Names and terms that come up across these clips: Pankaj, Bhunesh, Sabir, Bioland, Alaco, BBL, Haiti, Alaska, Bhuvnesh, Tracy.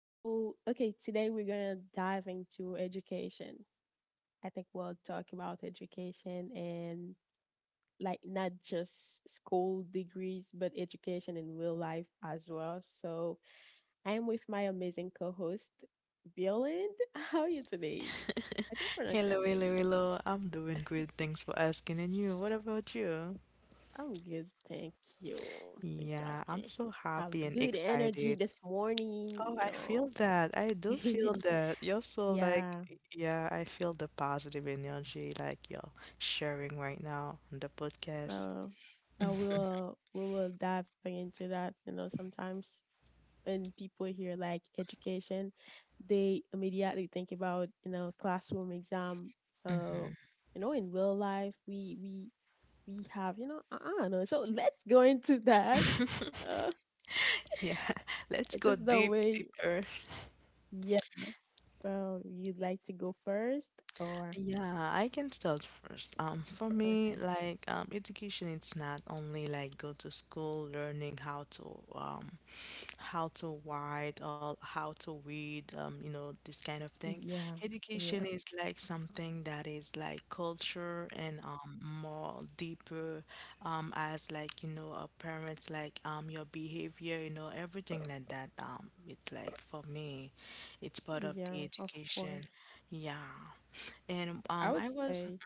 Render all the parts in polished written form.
Oh, okay. Today we're gonna dive into education. I think we'll talk about education and, like, not just school degrees, but education in real life as well. So I am with my amazing co-host, Bioland. How are you today? How do you pronounce your Hello, hello, name? hello. I'm doing great. Thanks for asking. And you, what about you? I'm good, thank you. Thanks for Yeah, I'm asking. so Have happy and good energy excited. this morning, Oh, you I feel know. that. I do feel that. You're so like, Yeah. yeah, I feel the positive energy like you're sharing right now on the podcast. So we will diving into that. You know, sometimes when people hear, like, education, they immediately think about classroom exam. So in real life, we have I don't know. So let's go into that. Uh, Yeah, it's let's just go the deep, way. deeper. Yeah. So you'd like to go first or Yeah, I can start first. For me, okay? like, education, it's not only like go to school, learning um how to write or how to read, you know, this kind of thing. Yeah, yeah, Education is like something that is like culture and more deeper as like, you know, our parents, like your behavior, you know, everything like that. It's like for me, it's part of the yeah. Of education. course, Yeah. And I um, would I was, say.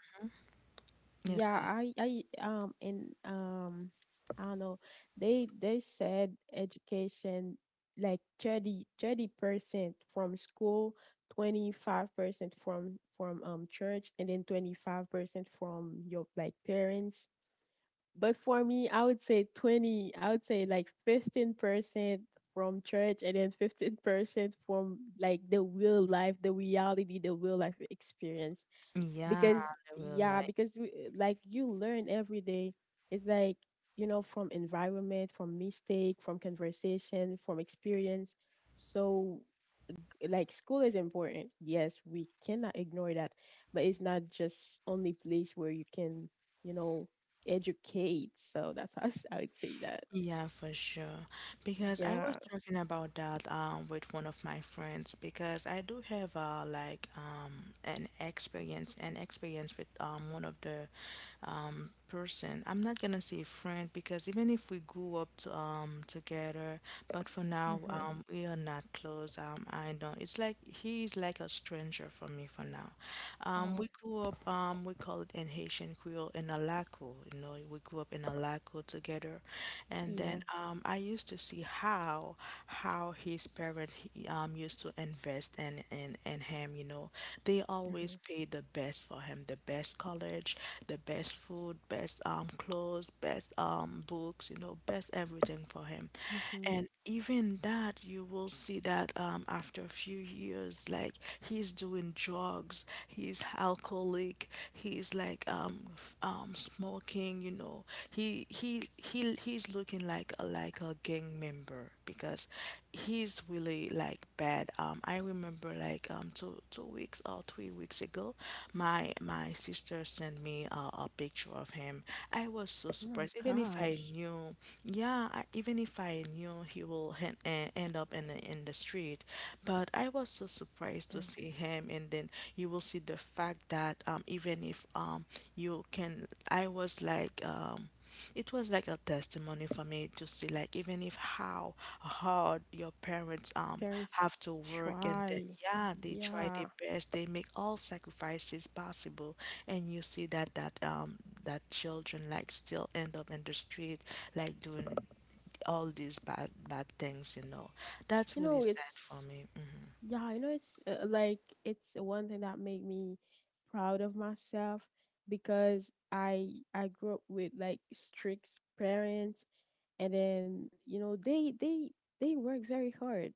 yes, Yeah, go ahead. I don't know. They said education like 30, 30% from school, 25% from church, and then 25% from your, like, parents. But for me, I would say 20. I would say like 15% from church, and then 15% from like the real life, the reality, the real life experience. Yeah, Because, they will yeah, like. because we, like, you learn every day. It's like, from environment, from mistake, from conversation, from experience. So like school is important, yes, we cannot ignore that, but it's not just only place where you can, you know educate. So that's how I would say that. Yeah, for sure. Because I was Yeah. talking about that with one of my friends because I do have an experience with one of the person. I'm not gonna say friend because even if we grew up to, together, but for now, Mm-hmm. We are not close. I don't. It's like he is like a stranger for me for now. Oh, We grew up. We call it in Haitian Creole in Alaco. You know, we grew up in Alaco together, and then yeah. I used to see how his parent he, used to invest in him, you know. They Mm-hmm. always paid the best for him, the best college, the best food, best clothes, best books, you know, best everything for him. Mm-hmm. And even that you will see that after a few years, like he's doing drugs, he's alcoholic, he's like smoking, you know. He's looking like a gang member because he's really like bad. I remember two weeks or 3 weeks ago, my sister sent me a picture of him. I was so Oh my surprised. Even if I gosh. knew, yeah, I, even if I knew he will end up in the street, but I was so surprised to Mm. see him. And then you will see the fact that even if you can, I was like. It was like a testimony for me to see, like, even if how hard your parents Parents have to work, and then try. yeah, they try their Yeah, best, they make all sacrifices possible, and you see that that children like still end up in the street, like doing all these bad bad things, you know. That's really sad for it's, me. Hmm yeah, it's, like, it's one thing that made me proud of myself, because I grew up with, like, strict parents. And then, you know, they they work very hard.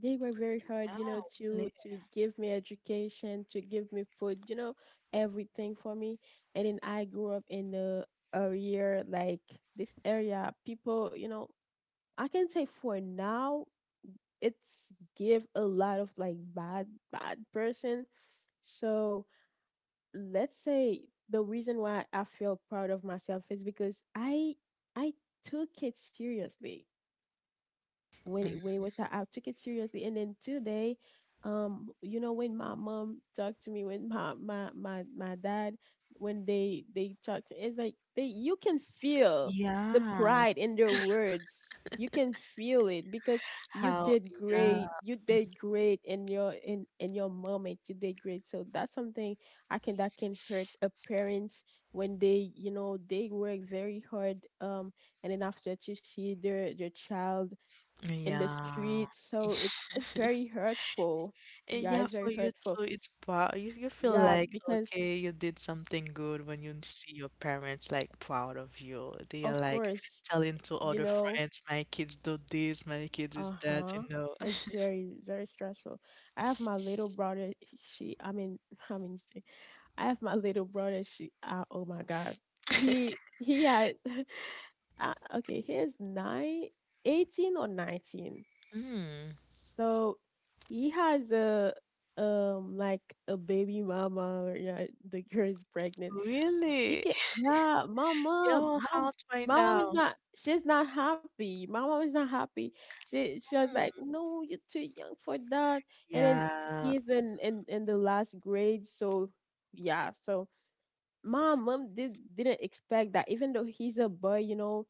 They work very hard, Yeah, you know, really. to give me education, to give me food, you know, everything for me. And then I grew up in a area like, this area people, you know, I can say for now, it's give a lot of like bad bad person. So let's say the reason why I feel proud of myself is because I took it seriously. When it Mhm. was time, I took it seriously. And then today, you know, when my mom talked to me, when my dad, when they talked to, it's like they, you can feel the Yeah, pride in their words. You can feel it because you how, did yeah, great. You did great in your, in your moment. You did great. So that's something I can, that can hurt a parents when they, you know, they work very hard, um, and then after to see their child in the yeah. streets. So it's very hurtful. Yeah, Yeah, it's for very you hurtful. too, it's proud. You feel Yeah, like, because okay, you did something good when you see your parents like proud of you. They are of like course, telling to you other know, friends, my kids do this, my kids is that, you uh-huh. know. It's very, very stressful. I have my little brother, she I mean I mean she- I have my little brother, she oh my gosh. He had okay, he is nine, 18 or 19. Hmm, So he has a, um, like a baby mama or, yeah, the girl is pregnant. You really? can, yeah, my mom, You're mom hot right my mom is now. not, she's not happy. My mom is not happy. She was like, Hmm. no, you're too young for that. And then Yeah. he's in the last grade, so, yeah, so my mom didn't expect that. Even though he's a boy, you know,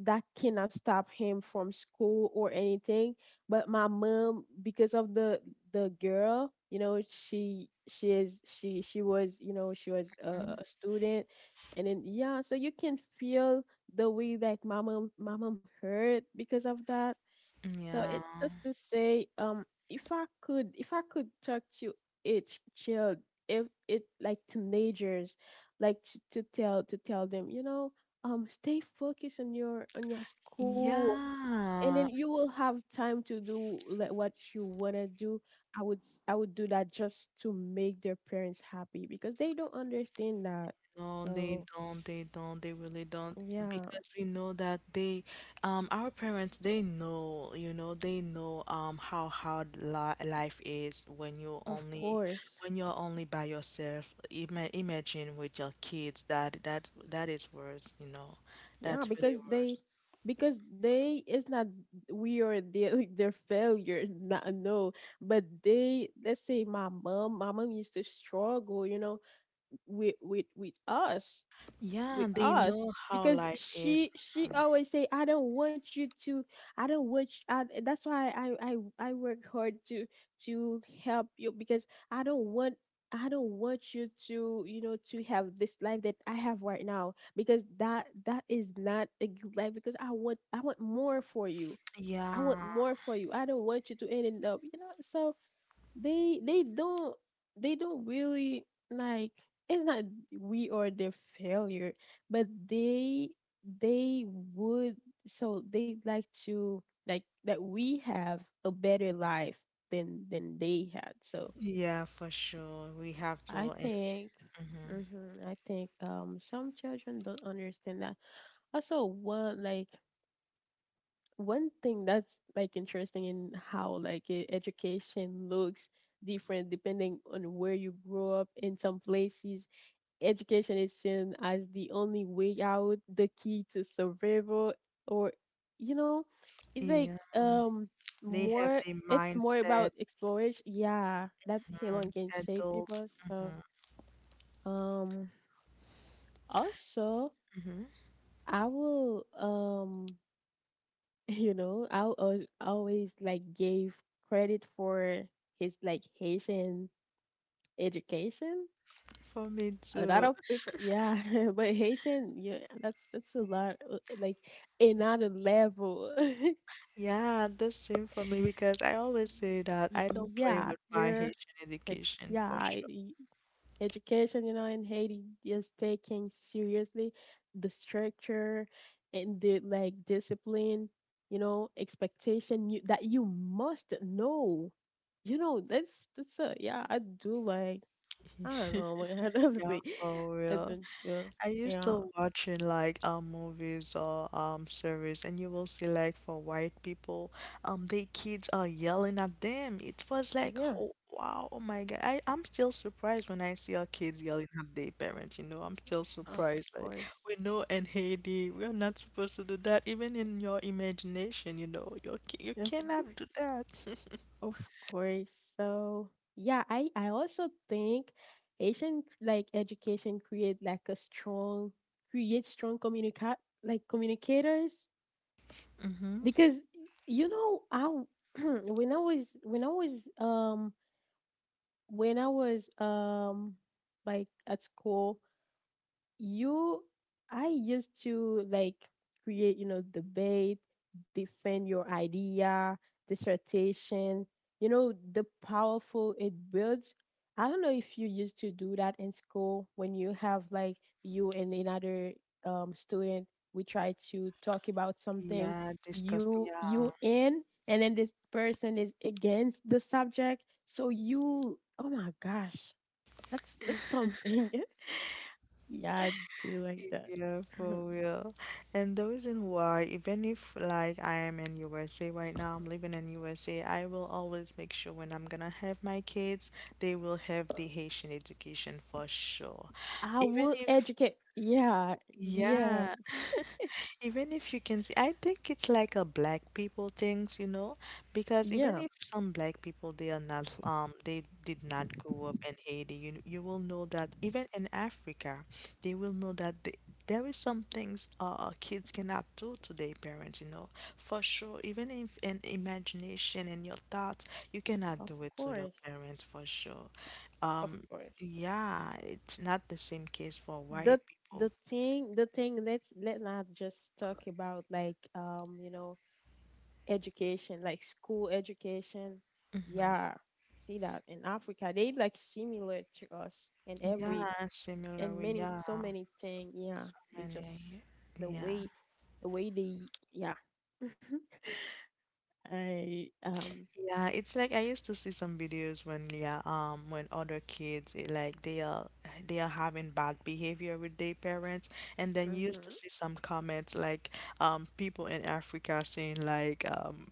that cannot stop him from school or anything, but my mom, because of the girl, you know, she was, you know, she was Mm, a student. And then, yeah, so you can feel the way that my mom hurt because of that. So yeah. it's just to say, if I could talk to each child, if it, like, teenagers, like, to tell them, you know, stay focused on your, on your school, and then Yeah. you will have time to do, like, what you wanna do. I would do that just to make their parents happy, because they don't understand that. No, they So, don't. They don't. They really don't. yeah, Because we know that our parents, they know, you know, they know, how hard li life is of course. when you're only by yourself. Ima imagine with your kids. That is worse. You know, Yeah, that's really because they, worse. because they, it's not we are their like, their failure. Not, no, but they, let's say my mom used to struggle, you know, with with us, Yeah, with they us. know how Because life is. she always say, I don't want you to, I don't want you, I, that's why I work hard to help you. Because i don't want I don't want you to, you know, to have this life that I have right now. Because that, that is not a good life, because I want more for you. I want Yeah, more for you. I don't want you to end up, you know. So they don't, they don't really, like, it's not we are their failure, but they would, so they like to, like, that we have a better life than they had. So yeah, for sure. We have I to, and think, mhm. hmm, I think, um, some children don't understand that. Also, one, like, one thing that's like interesting in how, like, e- education looks different depending on where you grow up. In some places, education is seen as the only way out, the key to survival, or, you know, it's like, Yeah, um, they have more, the it's more mindset. about exploration. Yeah, that Mm, alone can shape Adult. people. So, Hmm um, also hmm I will, um, you know, always like gave credit for his, like, Haitian education. For me A lot too. of people, yeah, but Haitian, yeah, that's a lot, like another level. Yeah, the same for me because I always say that I don't play Yeah, with my you're Haitian it- education for yeah, sure. y- education, you know, in Haiti is taken seriously. The structure and the, like, discipline, you know, expectation you, that you must know. You know, that's a, yeah. I do like, I don't know what kind of Yeah, thing. for I real. think, yeah, I used yeah, to watching like movies or series and you will see like for white people they kids are yelling at them. It was like yeah. oh wow oh my God I'm still surprised when I see our kids yelling at their parents you know I'm still Of surprised like course, we know in Haiti we're not supposed to do that even in your imagination you know you of course. cannot do that. Of course. So, yeah, I also think Asian, like, education create, like, a strong, create strong communicate, like, communicators. Mm-hmm. Because, you know, when I was, when I was like at school, you, I used to like create, you know, debate, defend your idea, dissertation, you know, the powerful it builds. I don't know if you used to do that in school when you have like you and another, student, we try to talk about something, Yeah disgusting you yeah. you in, and then this person is against the subject. So you, oh my gosh, that's something. Yeah, I do like that. Yeah, for real. And the reason why, even if like I am in USA right now, I'm living in USA, I will always make sure when I'm gonna have my kids, they will have the Haitian education for sure. I Even would if educate. Yeah, yeah, yeah, even if you can see, I think it's like a black people things, you know, because even yeah. if some black people they are not they did not grow up in Haiti, you will know that even in Africa, they will know that there is some things kids cannot do to their parents, you know, for sure. Even if in imagination and your thoughts, you cannot Of do it to your course, parents for sure. of Um, course. yeah, it's not the same case for The white people. the thing, the thing. Let's let not just talk about, like, um, you know, education, like, school education. Mhm. Yeah, see that in Africa they, like, similar to us in every Yeah, and similarly. many, Yeah, so many thing. Yeah, they just many. the Yeah. way, the way they, yeah, I, um. Yeah, it's like I used to see some videos when yeah, when other kids like they are having bad behavior with their parents and then you used to Mhm. see some comments like people in Africa saying like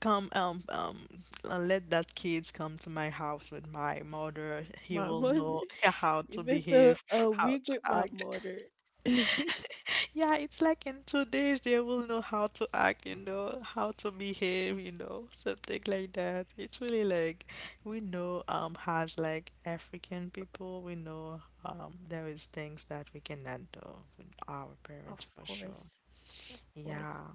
come let that kids come to my house with my mother. He My will mother. know how You to been so behave, a how week to with my act. mother. Of Yeah, it's like in 2 days they will know how to act, you know, how to behave, you know, something like that. It's really like we know as like African people, we know there is things that we cannot do with our parents for sure. course. Of course. Yeah.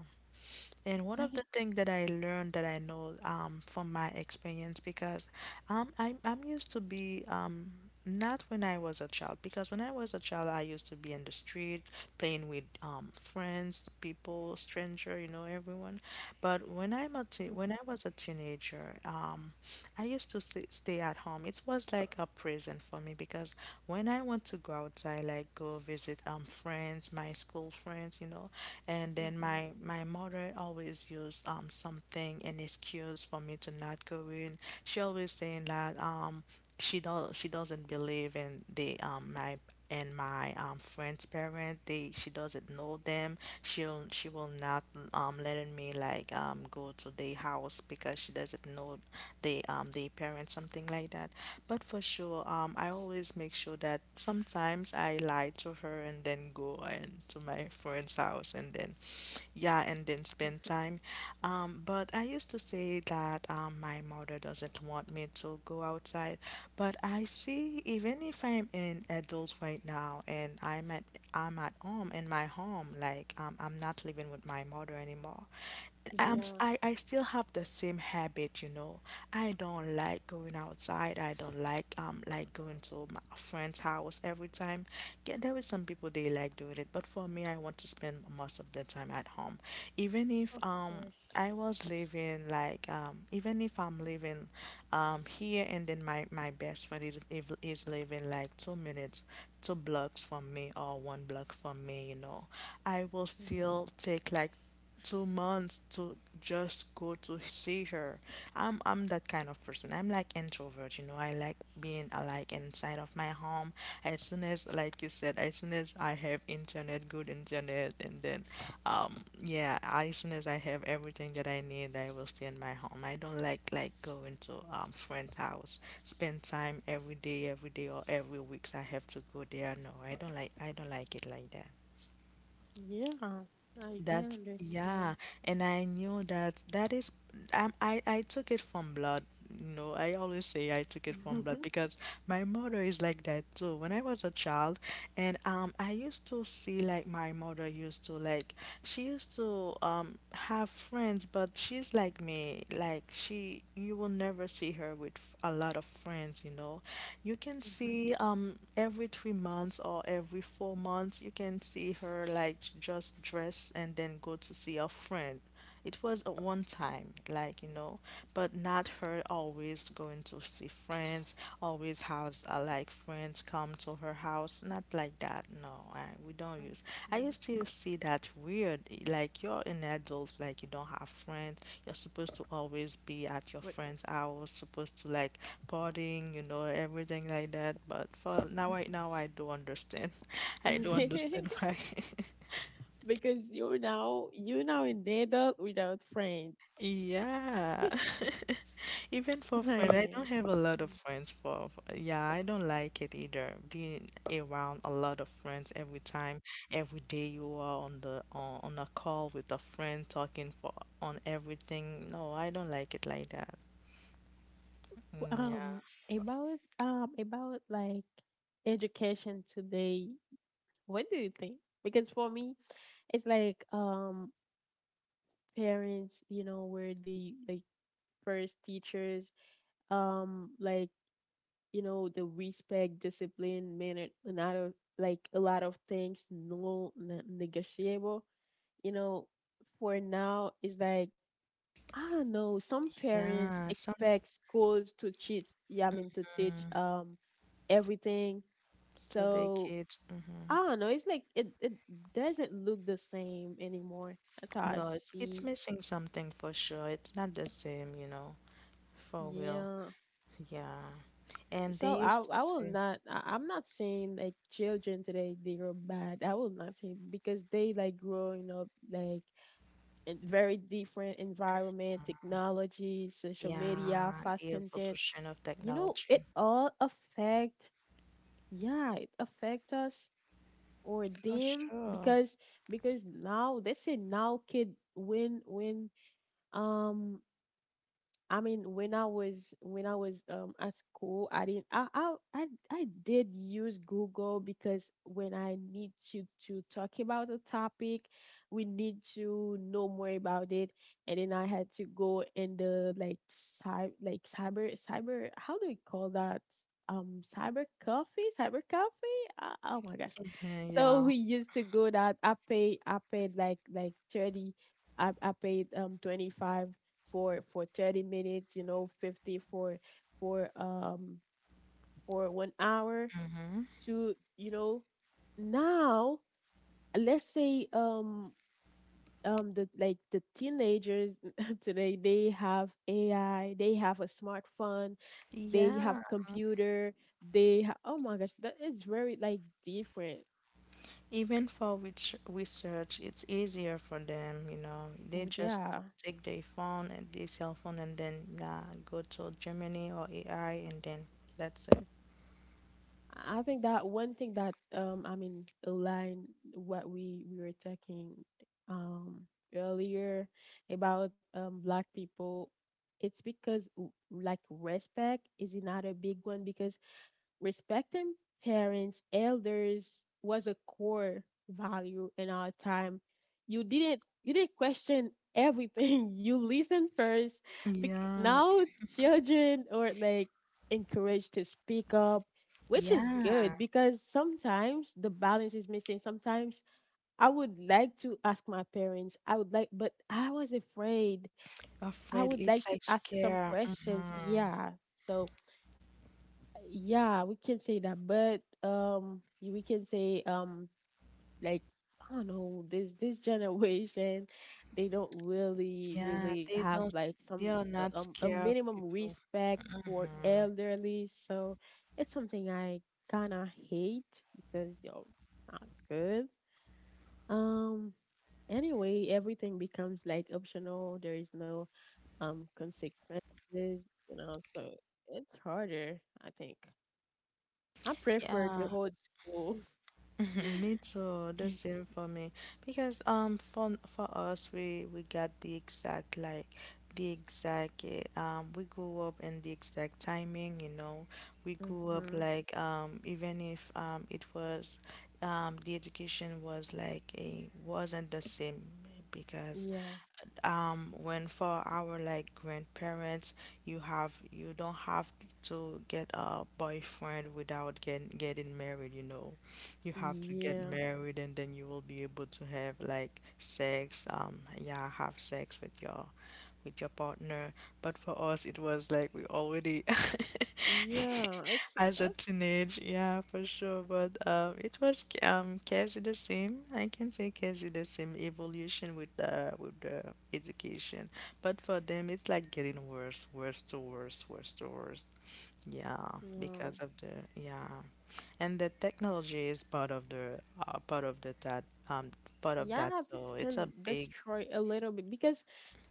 And one I, of the things that I learned that I know from my experience, because I'm, used to be, not when I was a child, because when I was a child, I used to be in the street playing with friends, people, stranger, you know, everyone. But when I'm a mhm, when I was a teenager, I used to stay at home. It was like a prison for me because when I want to go outside, like go visit friends, my school friends, you know, and then mhm. my mother always used something an excuse for me to not go in. She always saying that she doesn't believe in the my and my friend's parent they she doesn't know them she will not letting me like go to their house because she doesn't know the parents, something like that. But for sure, I always make sure that sometimes I lie to her and then go and to my friend's house and then, yeah, and then spend time. But I used to say that my mother doesn't want me to go outside, but I see even if I'm an adult right now and I'm at home in my home, like I'm not living with my mother anymore. Yeah, I still have the same habit, you know. I don't like going outside. I don't like going to my friend's house every time. Yeah, there is some people they like doing it, but for me, I want to spend most of the time at home. Even if of course. I was living like even if I'm living here and then my best friend is living like 2 minutes, two blocks from me or one block from me, you know, I will Hmm. still take like 2 months to just go to see her. I'm that kind of person. I'm like introvert, you know. I like being like inside of my home. As soon as like you said, as soon as I have internet, good internet, and then yeah, as soon as I have everything that I need, I will stay in my home. I don't like going to friend's house, spend time every day or every weeks. I have to go there. No, I don't like it like that. Yeah, I That, understand. yeah, and I knew that that is I took it from blood. You know, I always say I took it from Mhm, blood because my mother is like that too. When I was a child, and I used to see like my mother used to like she used to have friends, but she's like me. Like she, you will never see her with a lot of friends. You know, you can mhm, see every 3 months or every 4 months, you can see her like just dress and then go to see a friend. It was a one time, like you know, but not her always going to see friends, always has like friends come to her house. Not like that. No, we don't use. I mhm. used to see that weird. Like you're an adult, like you don't have friends. You're supposed to always be at your But friend's house. Supposed to like partying, you know, everything like that. But for now, right now, I do understand. I do understand why. because you now, you now an adult without friends. Yeah. Even for I friends, I don't am. have a lot of friends yeah, I don't like it either. Being around a lot of friends every time, every day you are on on a call with a friend talking for on everything. No, I don't like it like that. So, Yeah. um, about, um, about, like, education today. What do you think? Because for me, it's like, um, parents, you know, were the, like, first teachers, like, you know, the respect, discipline, manner, and out of, like, a lot of things, no ne- negotiable. You know, for now, it's like, I don't know. Some parents Yeah, some expect schools to teach, yeah, I mean, to teach, mm, um, everything. to the So kids. I don't know. It's like it doesn't look the same anymore. That's how No, I it's see. missing something for sure. It's not the same, you know, for real. Yeah. Yeah. And they So used to I will say not. I, I'm not saying, like, children today they are bad. I will not say, because they, like, growing up like in very different environment, technology, social media, yeah, fast the content. evolution of You know, technology. it all affect. Yeah, it affect us or For them. sure. Because now they say now kid when, um, I mean, when I was, when I was at school, I didn't, I did use Google, because when I need to talk about a topic, we need to know more about it, and then I had to go in the, like, cyber, like, cyber, cyber, how do we call that, um, cyber coffee, cyber coffee, oh my gosh, Mhm. so Yeah. we used to go that. I paid like 30, I paid 25 for 30 minutes, you know, 50 for for um for 1 hour, hmm to, you know, now let's say, um, um, the, like, the teenagers today they have AI, they have a smartphone, they have Yeah. computer, they ha- oh my gosh, that is very, like, different. Even for which research, it's easier for them, you know. They just Yeah, take their phone and their cell phone and then yeah, go to Germany or AI and then that's it. I think that one thing that I mean align what we were talking um earlier about black people, it's because like respect is another big one because respecting parents, elders was a core value in our time. You didn't question everything. You listened first. Bec- Yeah. now children are like encouraged to speak up, which is Yeah. good because sometimes the balance is missing. Sometimes I would like to ask my parents. I would like, but I was afraid. I Afraid would like it's to like ask some scare. questions. Hmm Yeah. So yeah, we can say that, but we can say like I don't know, this generation, they don't really Yeah, really they have don't, like they some are not a scared of minimum people. respect for elderly, so it's something I kinda hate because not good. Um, anyway, everything becomes like optional. There is no consequences, so it's harder, I think. I prefer the Yeah. old school. Me too, the same for me. Because for us we got the exact like the exact we grew up in the exact timing, you know. We grew up Mm-hmm. like even if it was the education was like a wasn't the same because Yeah. When for our like grandparents you have you don't have to get a boyfriend without getting married, you know, you have to get Yeah. married and then you will be able to have like sex, yeah, have sex with your partner. But for us, it was like we already Yeah. It's as a that's teenage, yeah, for sure. But it was quasi the same. I can say quasi the same evolution with the education. But for them, it's like getting worse, worse to worse, worse to worse. Yeah, yeah. because of the yeah and the technology is part of the that um part of Yeah, that, that so it's a can big destroy a little bit because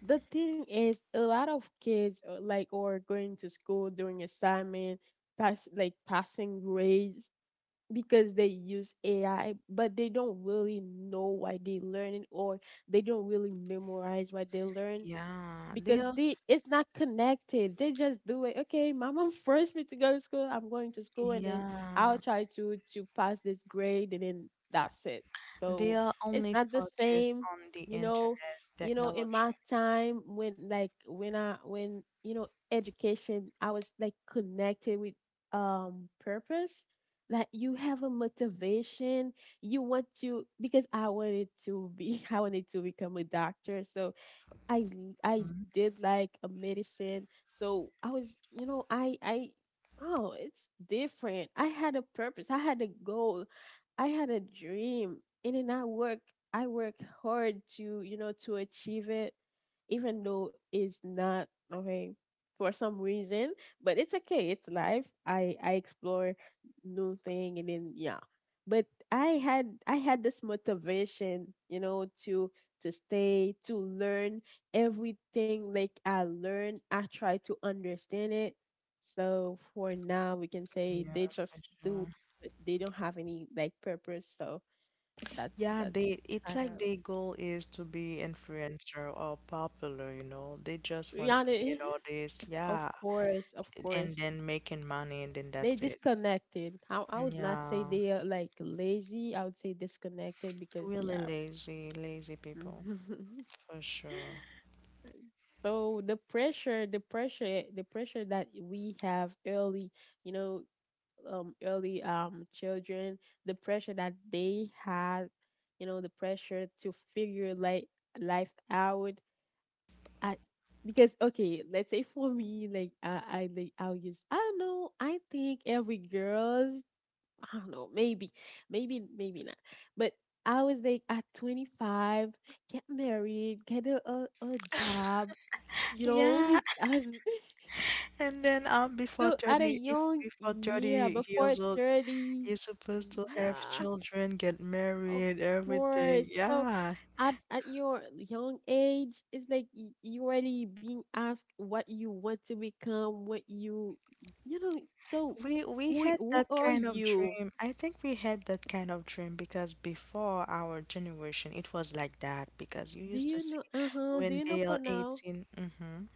the thing is a lot of kids like or going to school doing assignment, passing grades because they use AI, but they don't really know why they learn it or they don't really memorize what they learn. yeah, they Because are they it's not connected. They just do it. Okay, my mom forced me to go to school. I'm going to school, and then I'll yeah, try to pass this grade, and then that's it. they So are it's only not the focused same, on the you know. internet In technology. my time when like when I when you know education, I was like connected with purpose. Like you have a motivation, you want to because I wanted to be I wanted to become a doctor, so I Mhm. did like a medicine. So I was, I oh, it's different. I had a purpose. I had a goal. I had a dream. And then I work hard to achieve it even though it's not okay for some reason, but it's okay. It's life. I explore new thing and then yeah. But I had this motivation, to stay to learn everything like I learned, I try to understand it. So for now, we can say Yeah, they for just do, it, sure. but they don't have any like purpose. So that's Yeah, that's they it's kind like of their goal is to be influencer or popular, you know, they just want yeah. to be an They, artist. Yeah, of course, and then making money and then they that's it. disconnected. I would not say Yeah, they are like lazy. I would say disconnected because really yeah. lazy people for sure. So the pressure, the pressure, the pressure that we have early, you know, early children, the pressure that they had, the pressure to figure like life out. I, because okay, let's say for me, like I like I'll use I don't know. I think every girl's I don't know, maybe, maybe, maybe not. But I was like at 25, get married, get a job, Yeah, like I was and then before so at a 30, if young before yeah, 30 before years old 30, you're supposed to have yeah. children, get Of married, everything. course. So Yeah. at your young age, it's like you already being asked what you want to become, what you know. So We who had who that are kind of you? dream. I think we had that kind of dream because before our generation it was like that, because you Do used to you see know? Uh huh. Do when you know they are for now? 18. Mhm.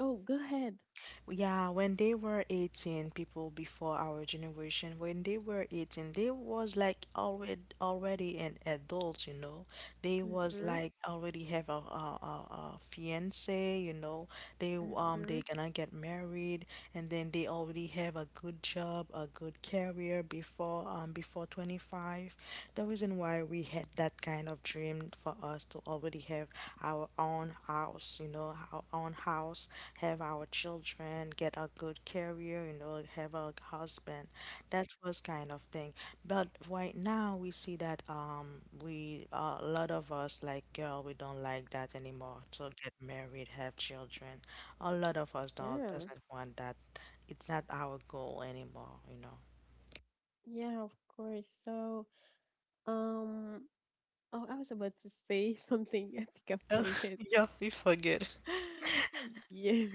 Oh, go ahead. Yeah, when they were 18, people before our generation, when they were 18, they was like already an adult, you know. They was Mhm. like already have a fiance, you know. They Mhm. gonna get married and then they already have a good job, a good career before before 25. The reason why we had that kind of dream for us to already have our own house, you know, our own house, have our children, get a good career, you know, have a husband. That was kind of thing. But right now we see that we a lot of us like girl, we don't like that anymore. So get married, have children. A lot of us don't Yeah. doesn't want that. It's not our goal anymore, you know. Yeah. Of course. So um. Oh, I was about to say something. I think I Oh, forget. yeah, we forget. Yeah.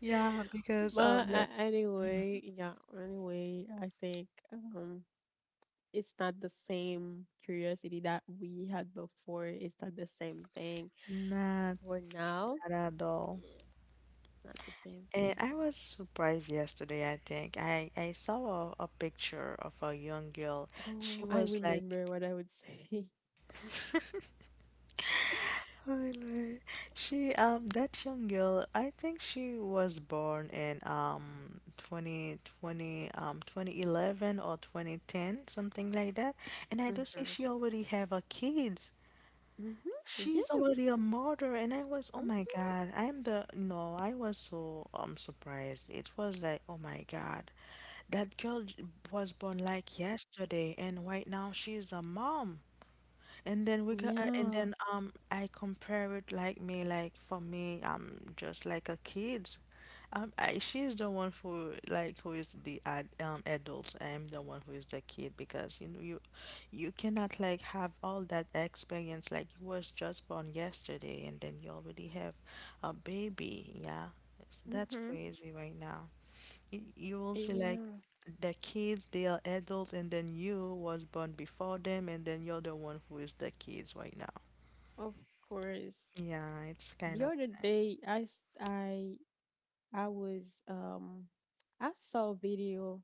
Yeah, because But of that. Mhm. anyway, yeah, anyway, I think it's not the same curiosity that we had before. It's not the same thing. Not For now, that at all. yeah, it's not the same And thing. I was surprised yesterday, I think. I saw a picture of a young girl. She Oh, I was like, remember what I would say. oh, Lord. She that young girl, I think she was born in um 2020 um 2011 or 2010, something like that. And I do see she already have a kids. Mm-hmm. Mm-hmm. She's Yeah, already a mother, and I was, oh that's my God, I'm the, no, I was so surprised. It was like, oh my God, that girl was born like yesterday, and right now she's a mom. And then we mm-hmm. got, and Yeah. then I compare it like me, like for me, I'm just like a kid. She's the one who like who is adult. I'm the one who is the kid, because you know you cannot like have all that experience. Like you was just born yesterday, and then you already have a baby. Yeah, so that's Mm-hmm. crazy right now, you will see like Yeah, the kids, they are adults, and then you was born before them, and then you're the one who is the kids right now. of course. Yeah, it's kind The of. other day I s- I was I saw a video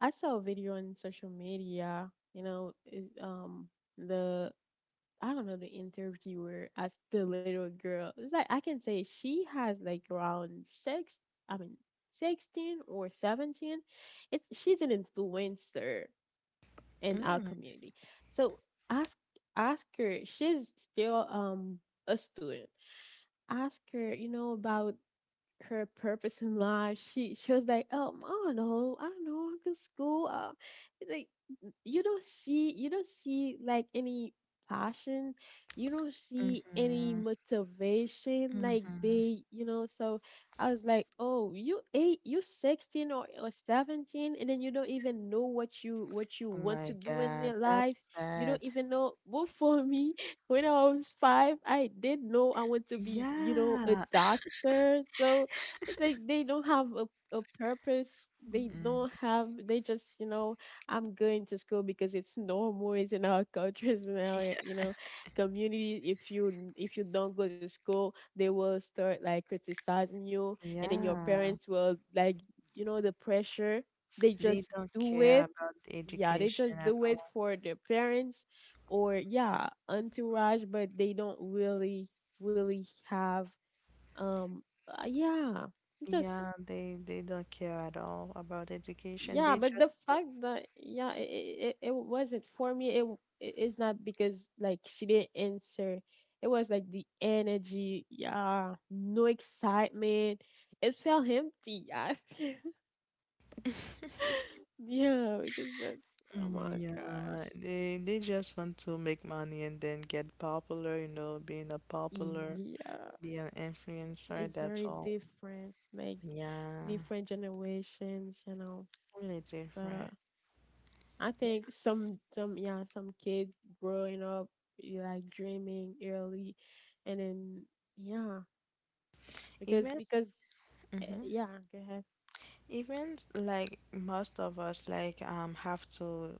I saw a video on social media, it, the I don't know the interviewer asked the little girl. It's like I can say she has like around six, I mean, 16 or 17. It's she's an influencer in our Mm, community. So ask ask her. She's still a student. Ask her, about her purpose in life. She was like, oh, I don't know, I go to school. It's like you don't see like any passion, you don't see any mm-hmm, motivation like mm-hmm. they. So I was like, oh, you eight, you 16 or 17, and then you don't even know what you Oh want to my do in God, your that's life. You sad. don't even know. Well, for me, when I was five, I did know I want to be, a Yeah. doctor. So it's like they don't have a purpose. They Mm, don't have. They just I'm going to school because it's normal. It's in our culture. It's in our community. If you don't go to school, they will start like criticizing you, and then your yeah. parents will like the pressure. They They just don't do care it. about the Yeah, they education just at do it all. for their parents or yeah entourage, but they don't really really have um, yeah, just Yeah, they don't care at all about education. yeah, They but just the fact that yeah, it wasn't for me. It is not because like she didn't answer. It was like the energy, yeah, no excitement. It felt empty, yeah, do. yeah, because that's oh my gosh, yeah, they just want to make money and then get popular, you know, being a popular, yeah, be an it's influencer, that's very all. different, like Yeah, different generations. really So different. I Yeah. think some yeah some kids growing up you like dreaming early, and then yeah because Even, mhm. yeah go ahead. Even like most of us like have to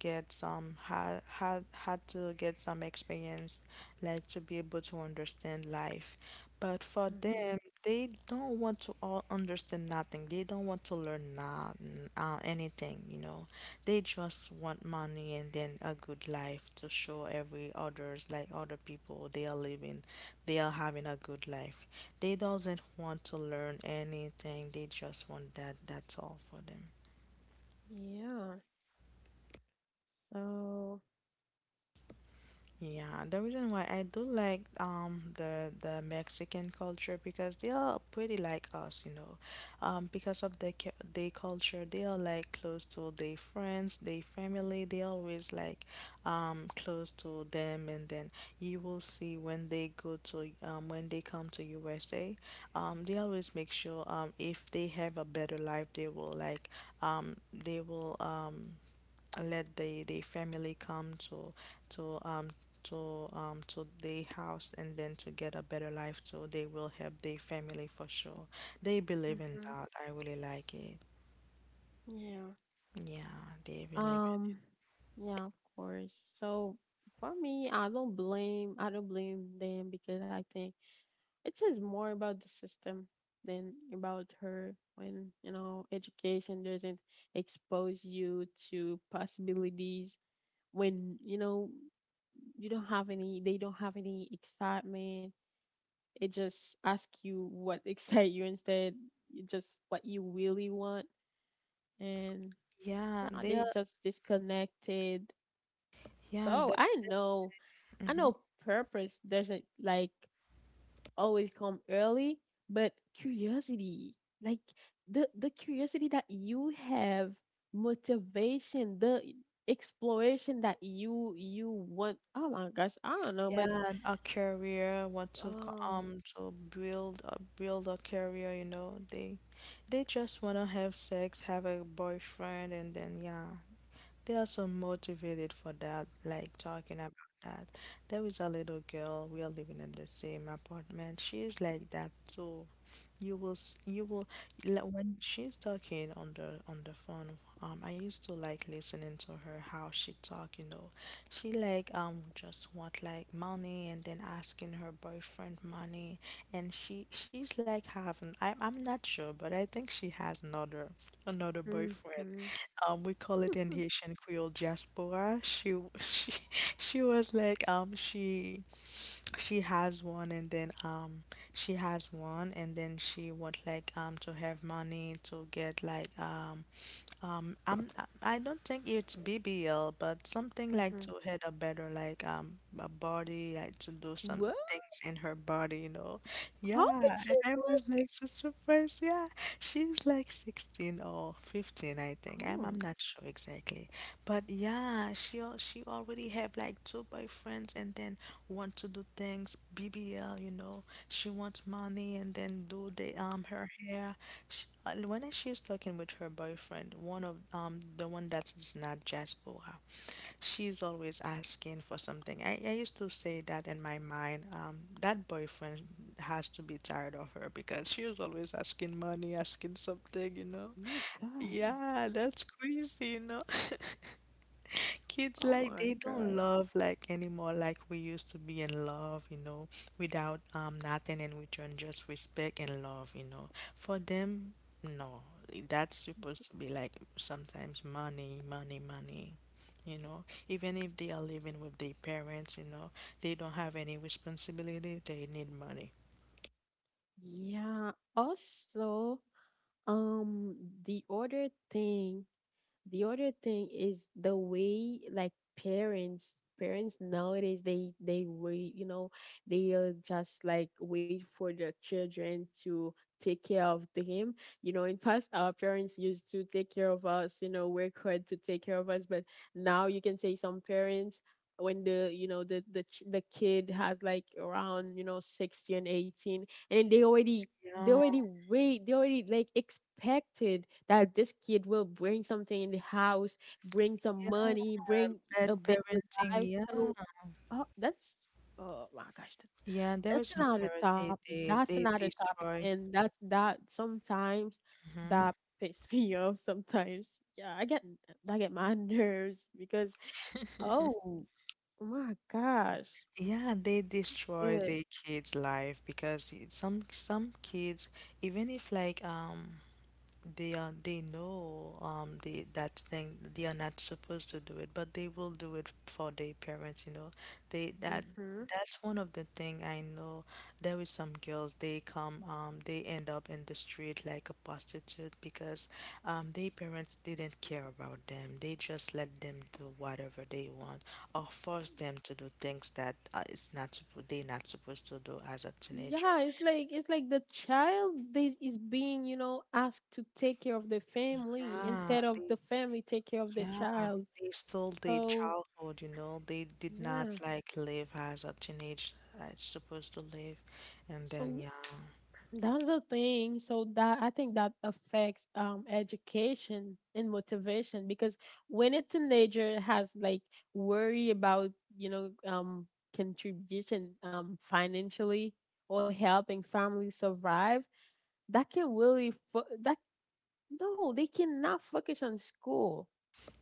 get some had to get some experience like to be able to understand life. But for Hmm. them, they don't want to all understand nothing. They don't want to learn not, anything, you know. They just want money and then a good life to show every others like other people they are living, they are having a good life. They doesn't want to learn anything. They just want that. That's all for them. Yeah. So Yeah, the reason why I do like the Mexican culture because they are pretty like us, you know. Because of their culture, they are like close to their friends, their family. They always like close to them, and then you will see when they come to USA, they always make sure if they have a better life, they will like they will let the family come to to the house and then to get a better life, so they will help the family for sure. They believe in hmm. that, I really like it. Yeah. Yeah, they believe um yeah of course. So for me I don't blame them because I think it says more about the system than about her when, education doesn't expose you to possibilities when, you don't have any, they don't have any excitement. It just asks you what excite you instead, you just what you really want. And in yeah yeah, they they are just disconnected. yeah So the I hmm know purpose doesn't like always come early, but curiosity, like the curiosity that you have, motivation, the exploration that you want. Oh my gosh, I don't know, but yeah, a career, what to um, to build a career, you know, they just want to have sex, have a boyfriend and then yeah. They are so motivated for that, like talking about that. There is a little girl, we are living in the same apartment. She is like that too. You will, like, when she's talking on the phone, I used to like listening to her how she talk, you know. She like just want like money and then asking her boyfriend money, and she's like having. I'm not sure, but I think she has another mhm, boyfriend. mhm. We call it in Haitian Creole diaspora. She was like um she she has one and then she has one and then she would like to have money to get like I'm I don't think it's BBL, but something like to have a better like a body, like to do some What? things in her body, you know. How Yeah, much and it I was like was? so surprised. Yeah, she's like 16 or 15, I think. I'm Oh not sure exactly, but yeah, she already have like two boyfriends and then want to do things BBL, you know. She wants money and then do the her hair. Sh When she's talking with her boyfriend, one of the one that is not diaspora, she's always asking for something. I used to say that in my mind, that boyfriend has to be tired of her because she was always asking money, asking something, you know. my gosh. Yeah, that's crazy, you know. Kids Oh like my they don't god. love like anymore like we used to be in love, you know, without nothing in return, just respect and love, you know. For them, no, that's supposed to be like sometimes money, money, money. You know, even if they are living with their parents, you know, they don't have any responsibility, they need money. Yeah. Also, um, the other thing the other thing is the way like parents parents nowadays they wait, they just like wait for their children to take care of them. In past, our parents used to take care of us, work hard to take care of us. But now you can say some parents, when the you know the kid has like around, 16 18, and they already they Yeah, already wait, they already like expected that this kid will bring something in the house, bring some yeah, money, bring bad a better parenting, life. yeah. So, oh, that's, oh my gosh, that's Yeah, there is some another parent topic. That's they another topic, destroy. and that sometimes, that pisses me off sometimes. Yeah, I get my nerves because, oh oh my gosh, Yeah, they destroy good. their kids' life because some kids, even if like they are they know they that thing they are not supposed to do it, but they will do it for their parents. They that Mm-hmm. That's one of the thing I know. There is some girls they come, they end up in the street like a prostitute because their parents didn't care about them, they just let them do whatever they want, or force them to do things that it's not suppo- they're not supposed to do as a teenager. Yeah, it's like the child, this is being, asked to take care of the family yeah instead of they the family take care of the yeah, child. they stole their So childhood, you know. They did not yeah. like live as a teenage as supposed to live. And So then yeah. that's the thing. So that, I think that affects education and motivation because when a teenager has like worry about, you know, um contribution, financially, or helping families survive, that can really fo- that no, they cannot focus on school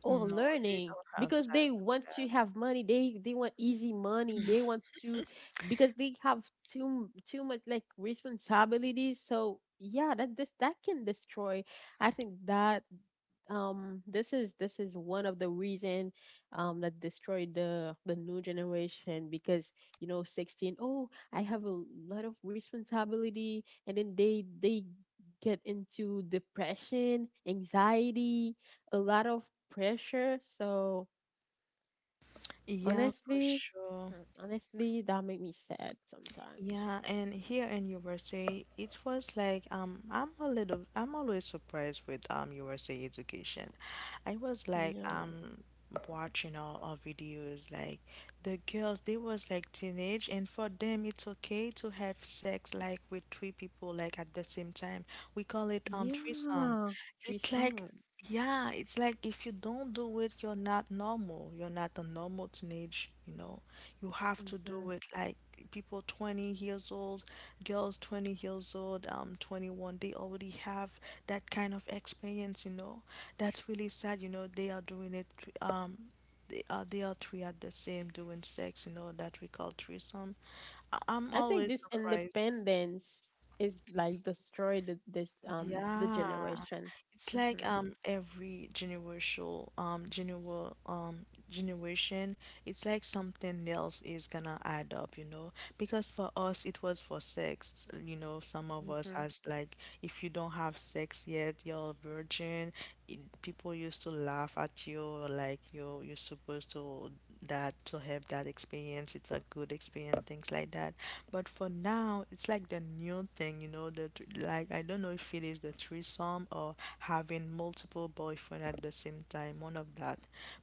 or No, they learning don't have because time they for want to have money. They want easy money. They want that. to, because they have too much like responsibilities. So yeah, that this that can destroy. I think that this is one of the reason, that destroyed the new generation, because, 16, oh, I have a lot of responsibility, and then they get into depression, anxiety, a lot of pressure. So Yeah, for honestly, sure. That make me sad sometimes. Yeah, and here in USA, it was like I'm a little, I'm always surprised with USA education. I was like Yeah. Watching all our videos, like the girls they was like teenage, and for them it's okay to have sex like with three people like at the same time. We call it threesome. Yeah. It's like, Trisome. yeah, it's like if you don't do it, you're not normal, you're not a normal teenage, you know. You have to do it. Like people 20 years old, girls 20 years old, 21, they already have that kind of experience, you know. That's really sad, you know, they are doing it. um they are, they are three at the same doing sex, you know, that we call threesome. I'm I think always this surprised. independence is like destroyed th- this the Yeah. generation. It's like Mhm. every generation, it's like something else is gonna add up, you know. Because for us it was for sex, you know, some of Mhm. us has like, if you don't have sex yet, you're a virgin. It, people used to laugh at you, like you, you're supposed to that to have that experience, it's a good experience, things like that. But for now it's like the new thing, you know, like, I don't know if it is the threesome or having multiple boyfriend at the same time, one of that.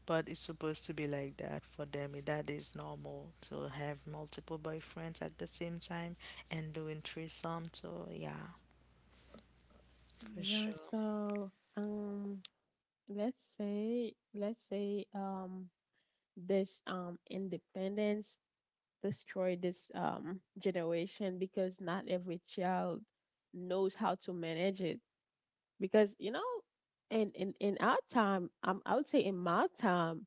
But it's supposed to be like that for them, eh, that is normal to have multiple boyfriends at the same time, and doing threesome too, yeah, for Yeah. sure. So um, let's say this independence destroyed this generation, because not every child knows how to manage it. Because you know, in our time, I would say in my time,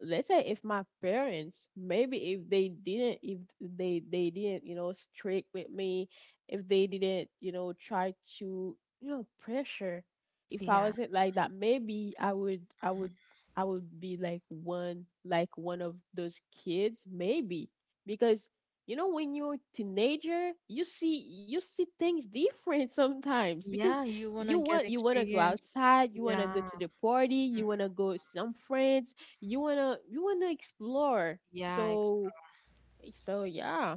let's say, if my parents, maybe if they didn't, if they didn't, you know, strict with me, if they didn't, you know, try to, you know, pressure, if I Yeah. wasn't like that, maybe I would be like one of those kids, maybe. Because you know, when you're a teenager, you see things different sometimes, because Yeah, you wanna you get want you want to go experience. outside, you want to go Yeah, to the party, you want to go with some friends, you wanna explore. yeah, So yeah,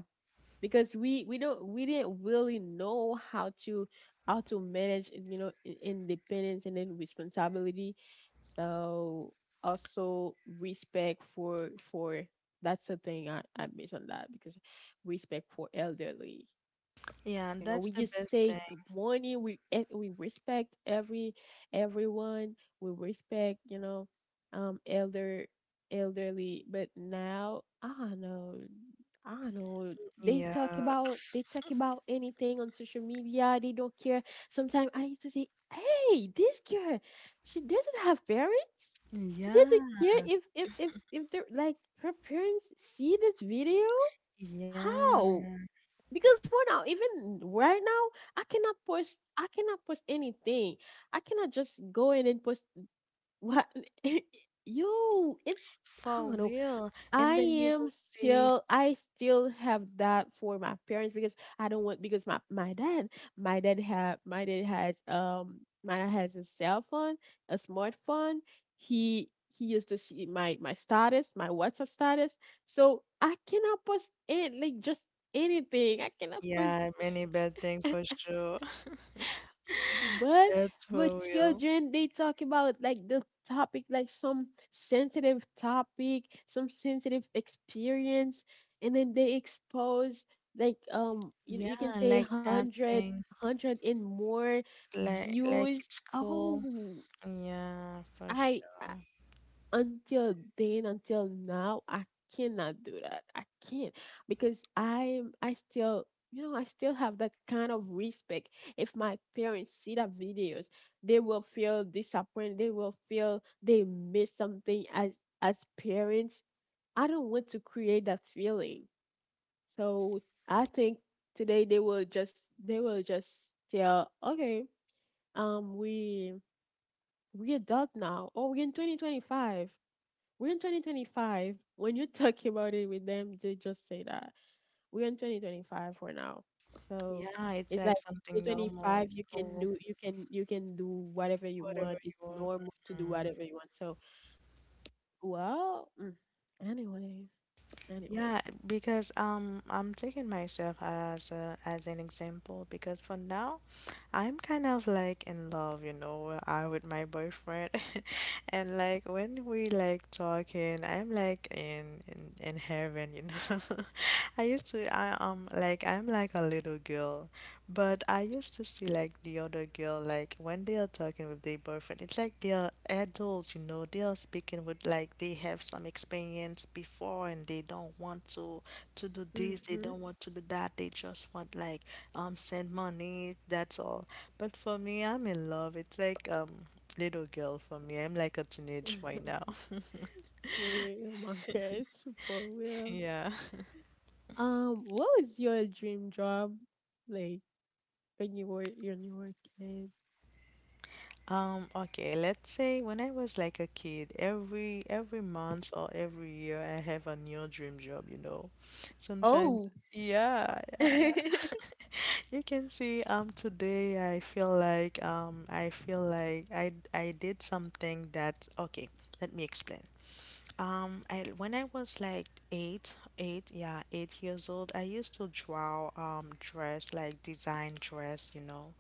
because we didn't really know how to manage, you know, independence and then responsibility. So also respect for, that's the thing I miss on that, because respect for elderly. yeah, You know, that's we the used to best say thing. good morning. We respect everyone. We respect, you know, um, elder elderly. But now I don't know. I don't know. They talk Yeah. about they talk about anything on social media. They don't care. Sometimes I used to say, "Hey, this girl, she doesn't have parents. She doesn't Yeah, care if they're like her parents see this video. How?" yeah, Because for now, even right now, I cannot post anything. I cannot just go in and post what. Yo, it's, I for don't know. real. i And then you am will see, I still have that for my parents, because I don't want, because my dad, my dad have my dad has a cell phone, a smartphone. He used to see my status, my WhatsApp status. So I cannot post it like just anything. I cannot post. yeah, many bad thing for sure. But That's with for real. children, they talk about like the topic, like some sensitive topic, some sensitive experience, and then they expose, like, Yeah, you can say like hundred, nothing, hundred and more like views. it's cool. Oh, Yeah, for I, sure. until then, until now, I cannot do that. I can't, because I still, you know, I still have that kind of respect. If my parents see the videos, they will feel disappointed, they will feel they miss something as parents. I don't want to create that feeling. So I think today, they will just tell, okay, um we we adult now, or we're in 2025. We're in 2025. When you talk about it with them, they just say that we're in 2025 for now. So Yeah, it's it's like like something normal. 2025, It's cool. You can do whatever you Whatever want. you It's want. normal to do Mhm. whatever you want. So, well, anyways, anyway. Yeah, because, I'm taking myself as an example because for now I'm kind of like in love, you know, I with my boyfriend. And like when we like talking, I'm like in heaven, you know. I used to I like I'm like a little girl, but I used to see like the other girl, like when they are talking with their boyfriend, it's like they are adults, you know. They are speaking with like they have some experience before, and they don't want to do this, they Mm-hmm. don't want to do that. They just want like send money, that's all. But for me, I'm in love. It's like little girl for me. I'm like a teenage right now. For real, my gosh, for real. Yeah. What was your dream job, like, when you were a kid? Okay, let's say when I was like a kid, every month or every year I have a new dream job, you know. Sometimes, Oh. yeah, yeah, yeah. You can see today I feel like I did something that, okay, let me explain. I When I was like 8 years old, I used to draw dress, like design dress, you know,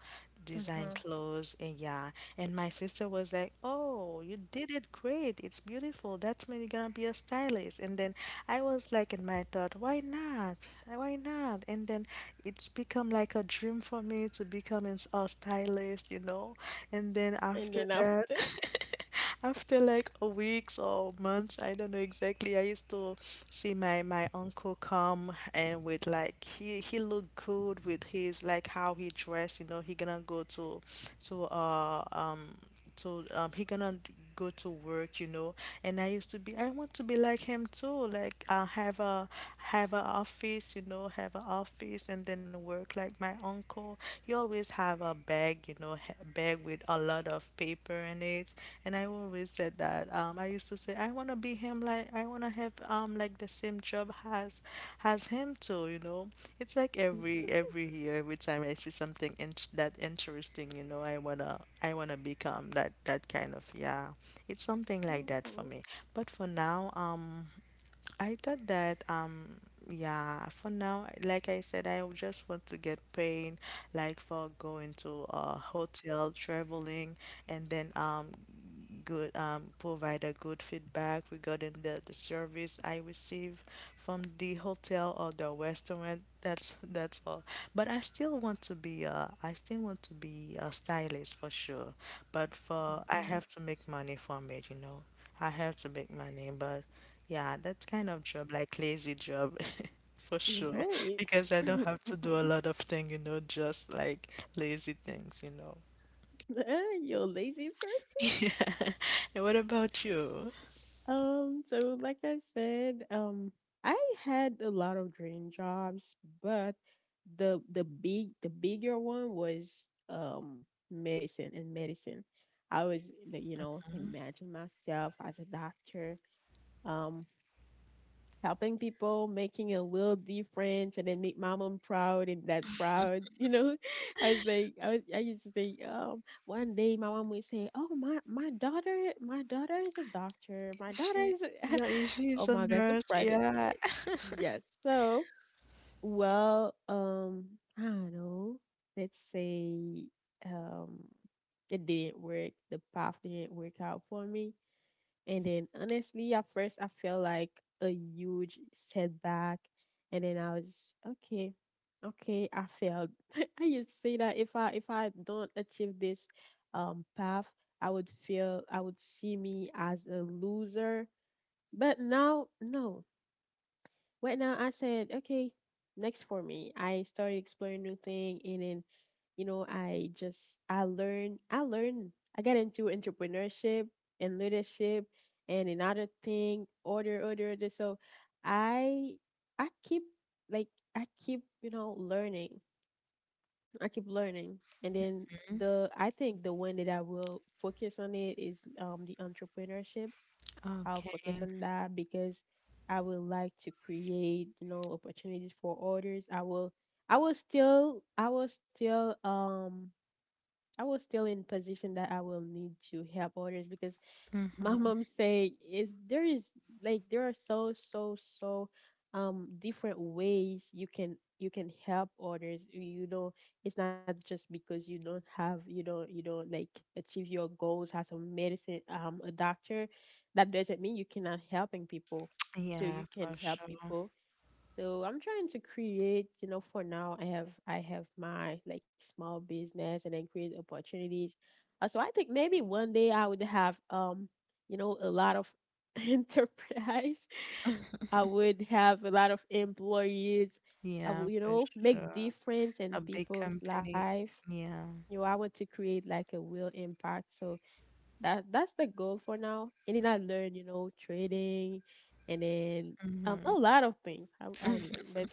design Uh-huh. clothes, and yeah. And my sister was like, "Oh, you did it great! It's beautiful. That's mean you're gonna be a stylist." And then I was like in my thought, "Why not? Why not?" And then it's become like a dream for me to become a stylist, you know. And then And after then that, after. after like a weeks or months, I don't know exactly, I used to see my my uncle come, and with like he looked good with his like how he dressed, you know, he gonna go to he gonna go to work, you know. And I used to be, I want to be like him too, like I have a, have a office, you know, have an office, and then work like my uncle. He always have a bag, you know, bag with a lot of paper in it. And I always said that I want to be him, like I want to have like the same job has him too, you know. It's like every year, every time I see something in that interesting, you know, I wanna become that that kind of, yeah. It's something like that for Mhm, me. But for now, I thought that yeah, for now, like I said, I just want to get paid, like for going to a hotel, traveling, and then good provide a good feedback regarding the service I receive from the hotel or the restaurant. That's all. But I still want to be a, I still want to be a stylist for sure. But for I mhm. have to make money from it, you know. I have to make money, but yeah, that kind of job, like lazy job, for sure. Right. Because I don't have to do a lot of things, you know, just like lazy things, you know. You lazy person. Yeah. And what about you? So like I said, I had a lot of dream jobs, but the bigger one was um medicine and medicine. I was like, you know, Mhm. imagine myself as a doctor. Um, helping people, making a little difference, and then make my mom proud and dad proud. You know, I was like, I used to say, one day my mom would say, "Oh, my daughter is a doctor. My daughter She, is a-" yeah, is, Oh she's a my gosh, the nurse. pride of Yeah. it. Yes. So, well, I don't know. Let's say, um, it didn't work. The path didn't work out for me. And then honestly, at first I felt like a huge setback. And then I was okay. Okay, I failed. I used to say that if I don't achieve this path, I would feel, I would see me as a loser. But now, no. Right now, I said, okay, next for me. I started exploring new thing, and then, you know, I learned, I got into entrepreneurship and leadership and another thing, order, order, order. So I I keep like I keep, you know, learning. I keep learning. And then Mhm. the I think the one that I will focus on it is the entrepreneurship. I'll Okay. focus on that because I would like to create, you know, opportunities for others. I will still I will still um I was still in position that I will need to help others. Because my Hmm. mom saying is, there is, like, there are so different ways you can, help others, you know, it's not just because you don't have, you don't, like, achieve your goals as a medicine, a doctor, that doesn't mean you cannot helping people. So Yeah, you can for help sure. people. So I'm trying to create, you know, for now, I have my, like, small business, and then create opportunities. So I think maybe one day I would have, you know, a lot of enterprise. I would have a lot of employees. I Yeah, would, you for know, sure. make difference A in big people's company. life. Yeah. You know, I want to create like a real impact. So that, that's the goal for now. And then I learned, you know, trading, and then, a Hmm. lot of things I learned. But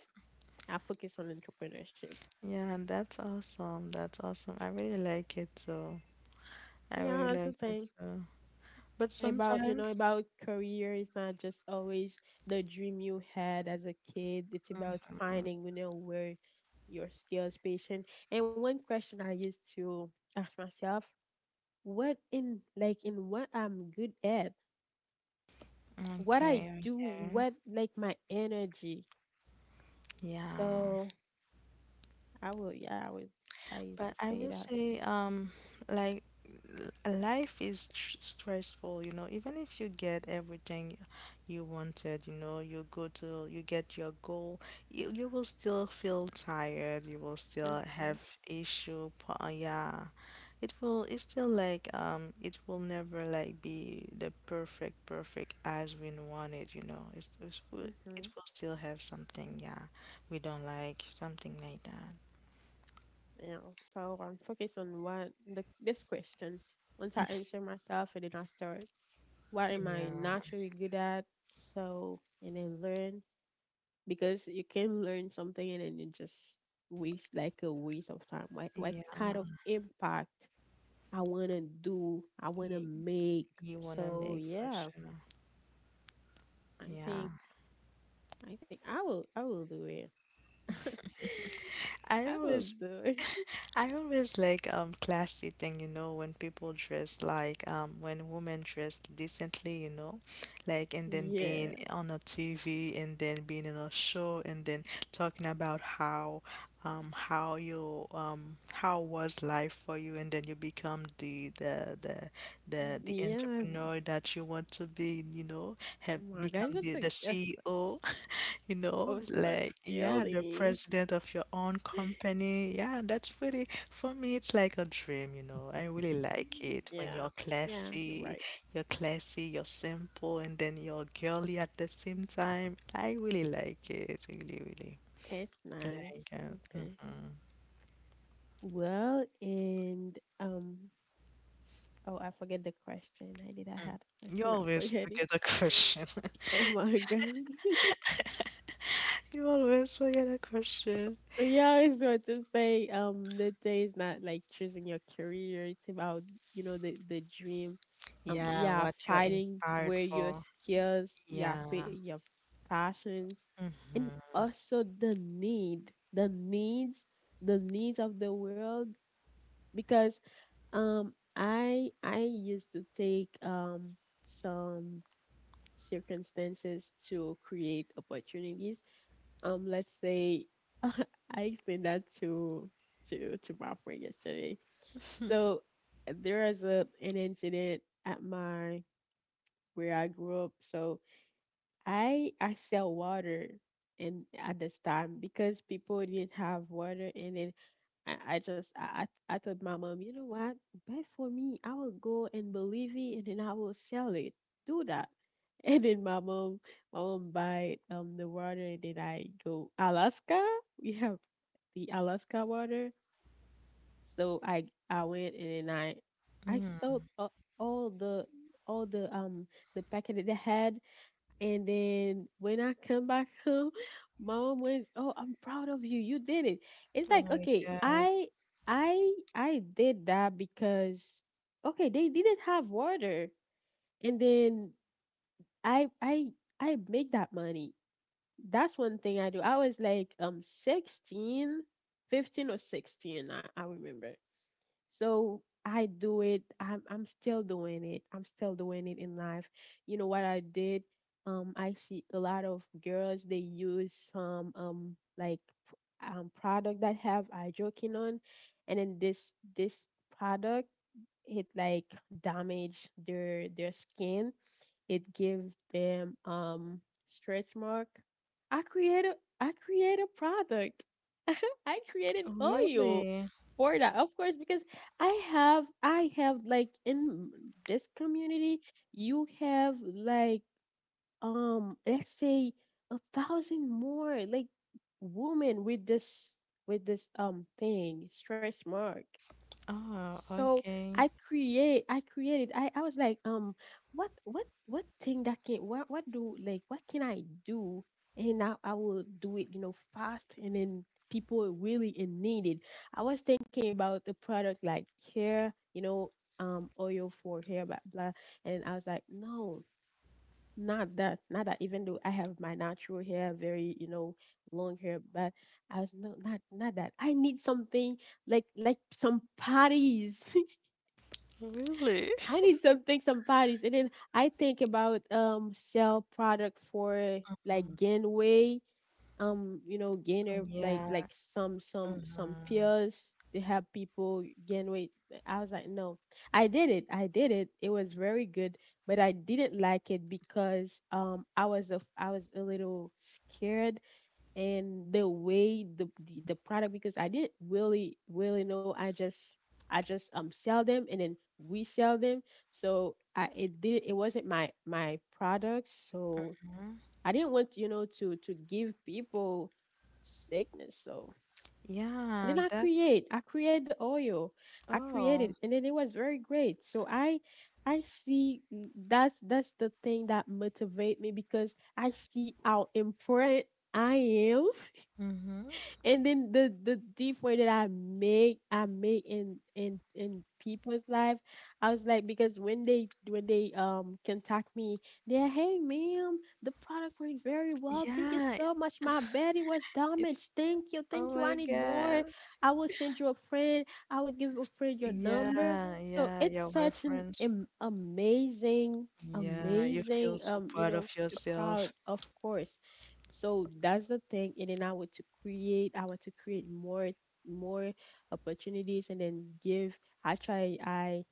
I focus on entrepreneurship. Yeah, that's awesome. That's awesome. I really like it too. I Yeah, really that's the like it thing too. But about, you know, sometimes. about career. It's not just always the dream you had as a kid. It's about Mhm. finding, you know, where your skills, patient. And one question I used to ask myself: what in, like, in what I'm good at? What I Okay, do? okay. What, like, my energy? Yeah. So I will, yeah, I would. I used to But I say will that. say, like, life is stressful, you know, even if you get everything you wanted, you know, you go to, you get your goal, you will still feel tired, you will still have issue, yeah. It will, it's still like, it will never like be the perfect, perfect as we want it, you know. It Mhm. will still have something, yeah, we don't like, something like that. Yeah, so I'm focused on what the, this question. Once I answer myself, and then I start, what am Yeah, I naturally good at? So, and then learn, because you can learn something and then you just waste, like a waste of time. What kind yeah, of impact I want to do, I want to you, make. you wanna So make for yeah, sure. I Yeah. think, I think I will do it. I I will always do it. I always like classy thing, you know, when people dress like when women dress decently, you know, like. And then being Yeah. on a TV and then being in a show, and then talking about how you how was life for you, and then you become the Yeah, entrepreneur that you want to be, you know, oh have my gosh, become the that's a, the that's such, CEO, you know, oh, such like, yeah, the feeling. president of your own company. Yeah, that's pretty, for me, it's like a dream, you know. I really like it when Yeah, you're yeah, you're classy, right. you're classy, you're simple, and then you're girly at the same time. I really like it, really, really. It's nice. Like, Okay. mhm. Well, and oh, I forget the question. I did. I had a You question. I always forget it. forget a question. Oh my gosh. You always forget a question. Yeah, I was going to say, the day is not like choosing your career. It's about, you know, the dream. Yeah, Yeah, what you're finding inspired where your for. skills, yeah, pa Yeah. your passions, and Mm-hmm. also the needs of the world. Because, I used to take some circumstances to create opportunities. Let's say, I explained that to my friend yesterday. So there is a an incident at my, where I grew up. So I sell water in, at this time, because people didn't have water, and they, I told my mom, you know what? Buy for me. I will go and believe it, and then I will sell it. Do that. And then my mom buy the water, and then I go Alaska. We have the Alaska water. So I went, and then I Mm. sold, all the all the um the packet that they had, and then when I come back home, my mom was, "Oh, I'm proud of you. You did it." It's Oh like, my okay, God. I did that because, okay, they didn't have water. And then I I I make that money. That's one thing I do. I was like, 16, 15 or 16, I remember. So I do it. I'm still doing it. I'm still doing it in life. You know what I did? I see a lot of girls. They use some like p- product that have hydroquinone, and then this product, it like damage their skin, it gives them stretch mark. I create a I create a product. I create an oil Really? for that. Of course, because I have, like, in this community, you have, like, let's say 1,000 more like women with this thing, stretch mark. Oh, So okay. I create I created I was like, what thing that can, what can I do, and I will do it, you know, fast, and then people are really in need it. I was thinking about the product, like hair, you know, oil for hair, blah, blah, and then I was like, no, not that, not that, even though I have my natural hair very, you know, long hair, but I was no, not that, I need something, like, some parties. Really? I need something, some parties. And then I think about sell product for, Mm. like, gain weight, you know, gainer, Yeah. like some Mm-hmm. pills to help people gain weight. I was like, no. I did it. I did it. It was very good, but I didn't like it because I was a little scared. And the way the product, because I didn't really really know, I just sell them and then resell them. So I it did it wasn't my product, so I didn't want, to give people sickness, so. And then Yeah, that's, I create the oil I oh. created, and then it was very great. So I see, that's the thing that motivate me, because I see how important I am Mm-hmm. and then the difference that I make in people's life. I was like, because when they contact me, they're, hey ma'am, the product went very well. Thank you Yeah, so much. My body was it's, damaged. Thank you, oh thank you. I my need more. God. I will send you a friend. I will give a friend your number. Yeah, So yeah, it's yeah, we're such friends. Amazing, Yeah, you feel amazing so proud of proud, yourself. of course. So that's the thing. And then I want to create more opportunities, and then give, I try I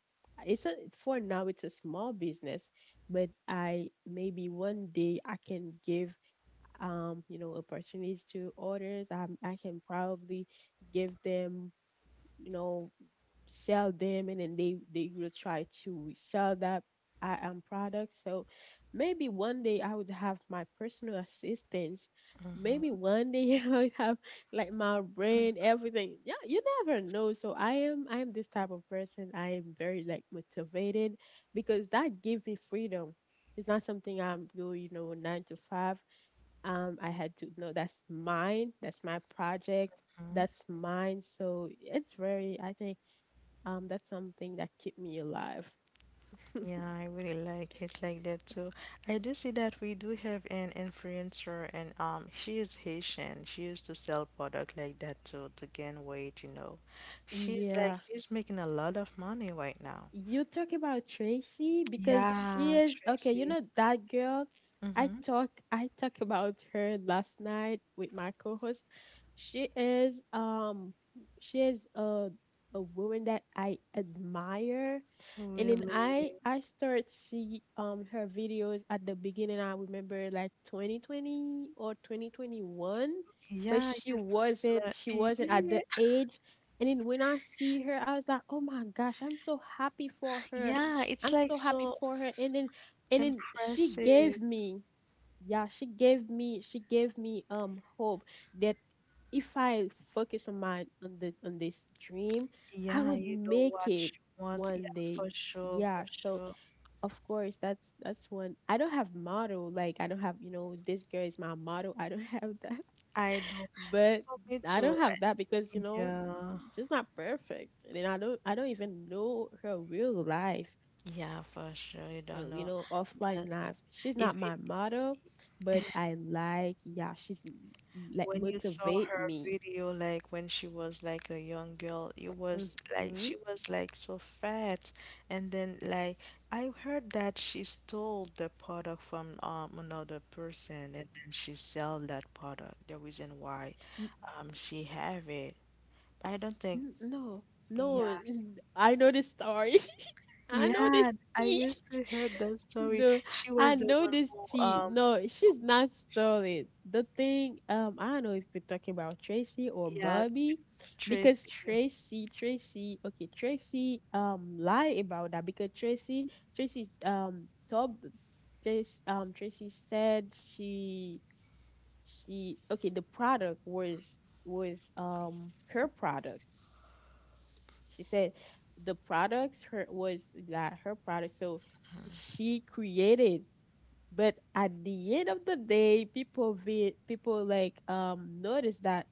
it's a for now it's a small business, but I maybe one day I can give opportunities to others. I can probably give them, you know, sell them, and then they will try to sell that I am product. So maybe one day I would have my personal assistants. Maybe Mm-hmm. one day I would have like my brand, everything. Yeah, you never know. So I am this type of person. I am very like motivated, because that gives me freedom. It's not something I'm doing, you know, nine to five. I had to know that's mine, that's my project, Mm-hmm. that's mine. So it's very, I think that's something that keep me alive. Yeah, I really like it like that too. I do see that we do have an influencer, and she is Haitian. She used to sell product like that too to gain weight, you know. She's like, Yeah. she's making a lot of money right now. You talk about Tracy, because she Yeah, is, okay, you Tracy. know that girl. Mm-hmm. I talk about her last night with my co-host. She is she is a a woman that I admire, and then Really. I start see her videos. At the beginning I remember like 2020 or 2021, but Yeah, I used to sell. she wasn't at Yeah, the age. And then when I see her, I was like, oh my gosh, I'm so happy for her. yeah, it's I'm like so happy so for her. And then she gave impressive. me, yeah, she gave me hope that if I focus on my on the on this dream, I Yeah, would you know make what it you want. Yeah, one day. for sure, for Yeah, so sure. of course that's one. I don't have model, like I don't have, you know, this girl is my model. I don't have that, I do. but For me I too. don't have that, because, you know, Yeah, she's not perfect, and then I don't even know her real life, yeah, for sure. You don't you know. know, But offline life. She's not if you, my model, but I like, yeah, like when you saw motivate her me. video, like when she was like a young girl, it hmm was like N- she was like so fat. And then like, I heard that she stole the product from another person, and then she sell that product. The reason why she have it. I don't think, no, no, yes. I know this story. I know this Yeah, I tea. used to hear that story. No, She I was the know one this who tea. No, she's not stolen. The thing, I don't know if we're talking about Tracy or yeah, Bobby, with because Tracy, Tracy, okay, Tracy, lied about that, because Tracy, um, told, Tracy said she, okay, the product was her product, she said. The products her was, that her product, so she created, but at the end of the day, people like noticed that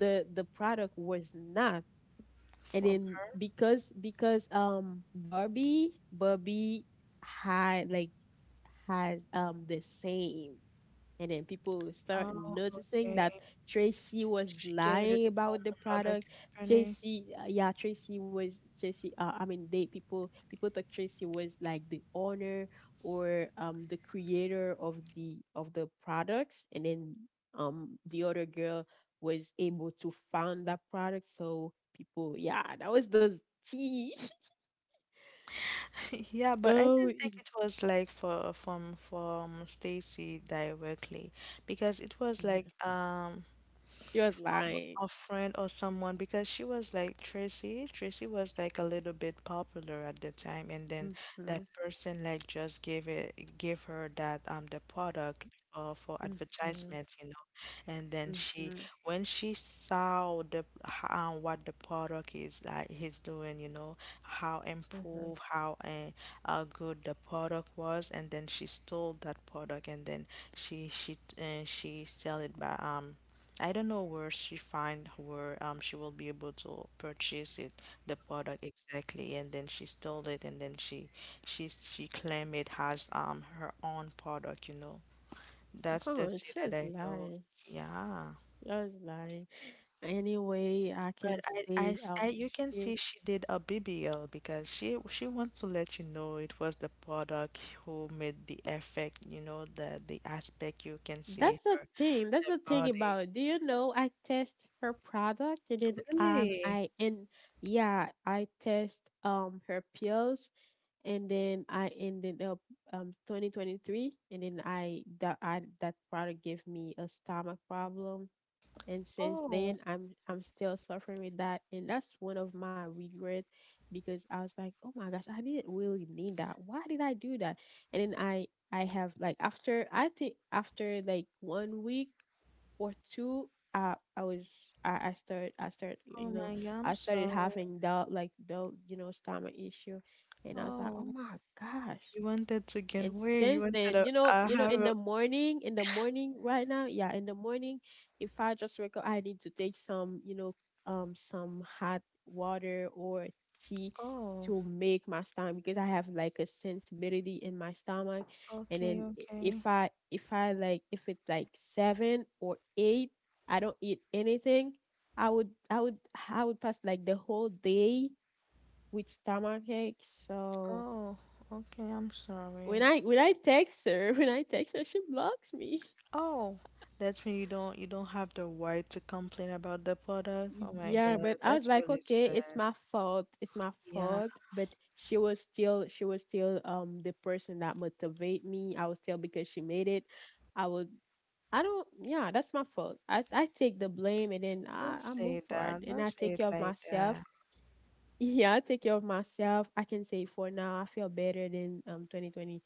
the product was not. And from then her. Because barbie had like has the same, and then people start Oh, noticing okay. that Tracy was She get it lying from about the another product. company. Tracy, yeah, Tracy was Tracy. I mean, they people thought Tracy was like the owner or the creator of the products, and then the other girl was able to found that product. So people, yeah, that was the tea. Yeah, but I So didn't think it was like for from Stacy directly because it was yeah, like she was from lying. a friend or someone, because she was like Tracy. Tracy was like a little bit popular at the time, and then that Mhm, person like just gave it, gave her that the product, for mhm, advertisements, you know. And then she, mhm, when she saw the how what the product is like he's doing, you know, how mhm. improve, how good the product was, and then she stole that product, and then she sell it by I don't know where she find where she will be able to purchase it, the product exactly, and then she stole it, and then she claimed it has her own product, you know. That's Oh, the thing it's that just I know. lying. Yeah, Just lying. Anyway, I but can say you can she see she did a BBL because she wants to let you know it was the product who made the effect, you know, the aspect, you can that's see the her thing. That's the the thing body. about it. Do you know, I test her product, and then Really. I and yeah, I test her pills, and then I ended up 2023, and then I that product gave me a stomach problem. And since Oh. then I'm still suffering with that, and that's one of my regrets, because I was like, oh my gosh, I didn't really need that, why did I do that? And then I have like, after I think, after like one week or two, I started, Oh you know, my God, I'm I started sorry. having that, like the, you know, stomach issue, and I was like, oh Oh, my gosh. you wanted to get And weight. You since wanted then, to you know, have in a, the morning, right now, yeah, in the morning, if I just wake up, I need to take some some hot water or tea, oh, to make my stomach, because I have like a sensibility in my stomach. And okay, then okay. If I like, if it's like seven or eight, I don't eat anything, I would, I would pass like the whole day with stomach ache. So Oh, okay, I'm sorry. When I text her, when I text her, she blocks me. Oh, that's when you don't, you don't have the right to complain about the product. Oh my Yeah, God, but I was that's like, really okay, it's sad. my fault. It's my Yeah, fault. But she was still the person that motivate me. I was still, because she made it. I would, I don't yeah, that's my fault. I take the blame, and then I, don't I move say forward, that. and Don't I say take it care of like myself. that. Yeah, I take care of myself. I can say for now I feel better than 2020,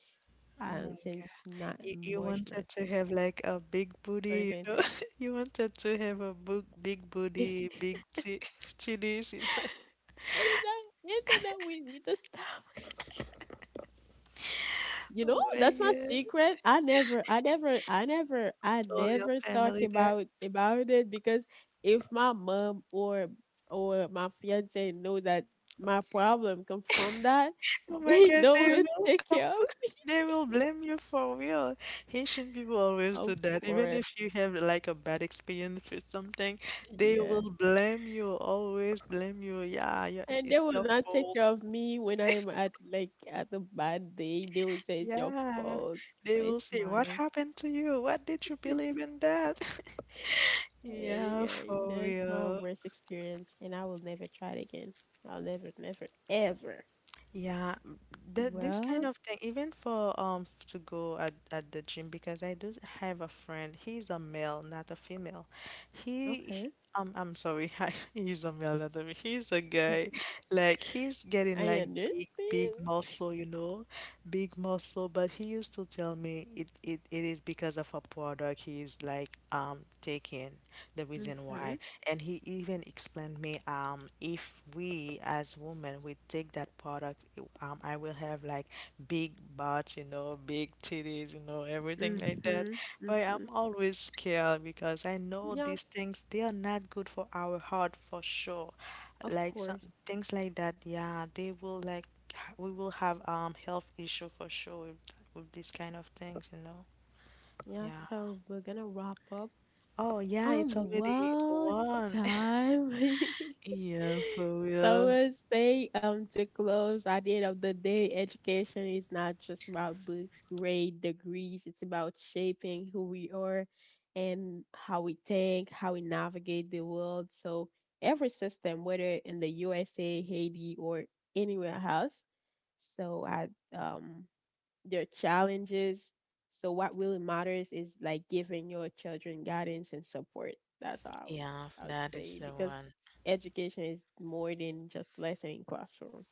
since, not You wanted to March have like a big 19, booty, you know. 2023. You wanted to have a big big booty, big t titties, you know. Ended up with, the stomach. You know, Oh my that's my God. secret. I Told your never talk family that. About it, because if my mom or my fiance know that my problem come from that, Oh my they God, don't they will will take care of me. they will blame you for real. Haitian people always do Of that. Even course, if you have like a bad experience with something, they yeah. will blame you, always blame you. Yeah, yeah, And they it's will your not take fault. care of me when I'm at a bad day. They will say it's your Yeah. fault, They but will it's say, What mine. happened to you? What did you believe in that? Ay, Yeah, ay, for that's my real. worst experience, and I will never try it again. I'll never, never, ever. Yeah, th this kind Well, of thing, even for to go at the gym, because I do have a friend. He's a male, not a female. He okay. I'm sorry, he's a male, not a He's a guy. Like he's getting I like big, big understand. muscle, you know, big muscle. But he used to tell me it is because of a product he's like taking, the reason Mm-hmm. why. And he even explained me if we as women we take that product, I will have like big butts, you know, big titties, you know, everything like that. Mm-hmm. But Mm-hmm. I'm always scared because I know Yeah, these things they are not good for our heart for sure, of like some course. things like that, yeah, they will like we will have health issue for sure with these kind of things, you know. Yeah, Yeah, so we're gonna wrap up. oh yeah, it's already Well, it's one. time. Yeah, for So real. we'll say, to close, at the end of the day, education is not just about books, grade, degrees. It's about shaping who we are and how we think, how we navigate the world. So every system, whether in the USA, Haiti, or anywhere else. So um, their challenges. So what really matters is like giving your children guidance and support. That's how Yeah, I would that is say, the because one. education is more than just lesson in classroom.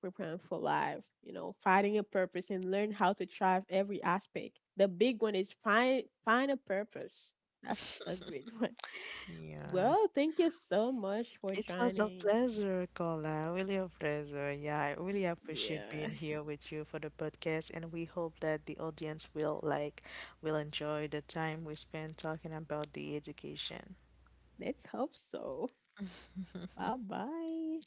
Preparing for life, you know, finding a purpose and learn how to thrive every aspect. The big one is find a purpose. That's a great one. Yeah. Well, thank you so much for It was a joining. pleasure, Kola. Really a pleasure. Yeah, I really appreciate Yeah, being here with you for the podcast, and we hope that the audience will like will enjoy the time we spend talking about the education. let's hope so. Bye bye.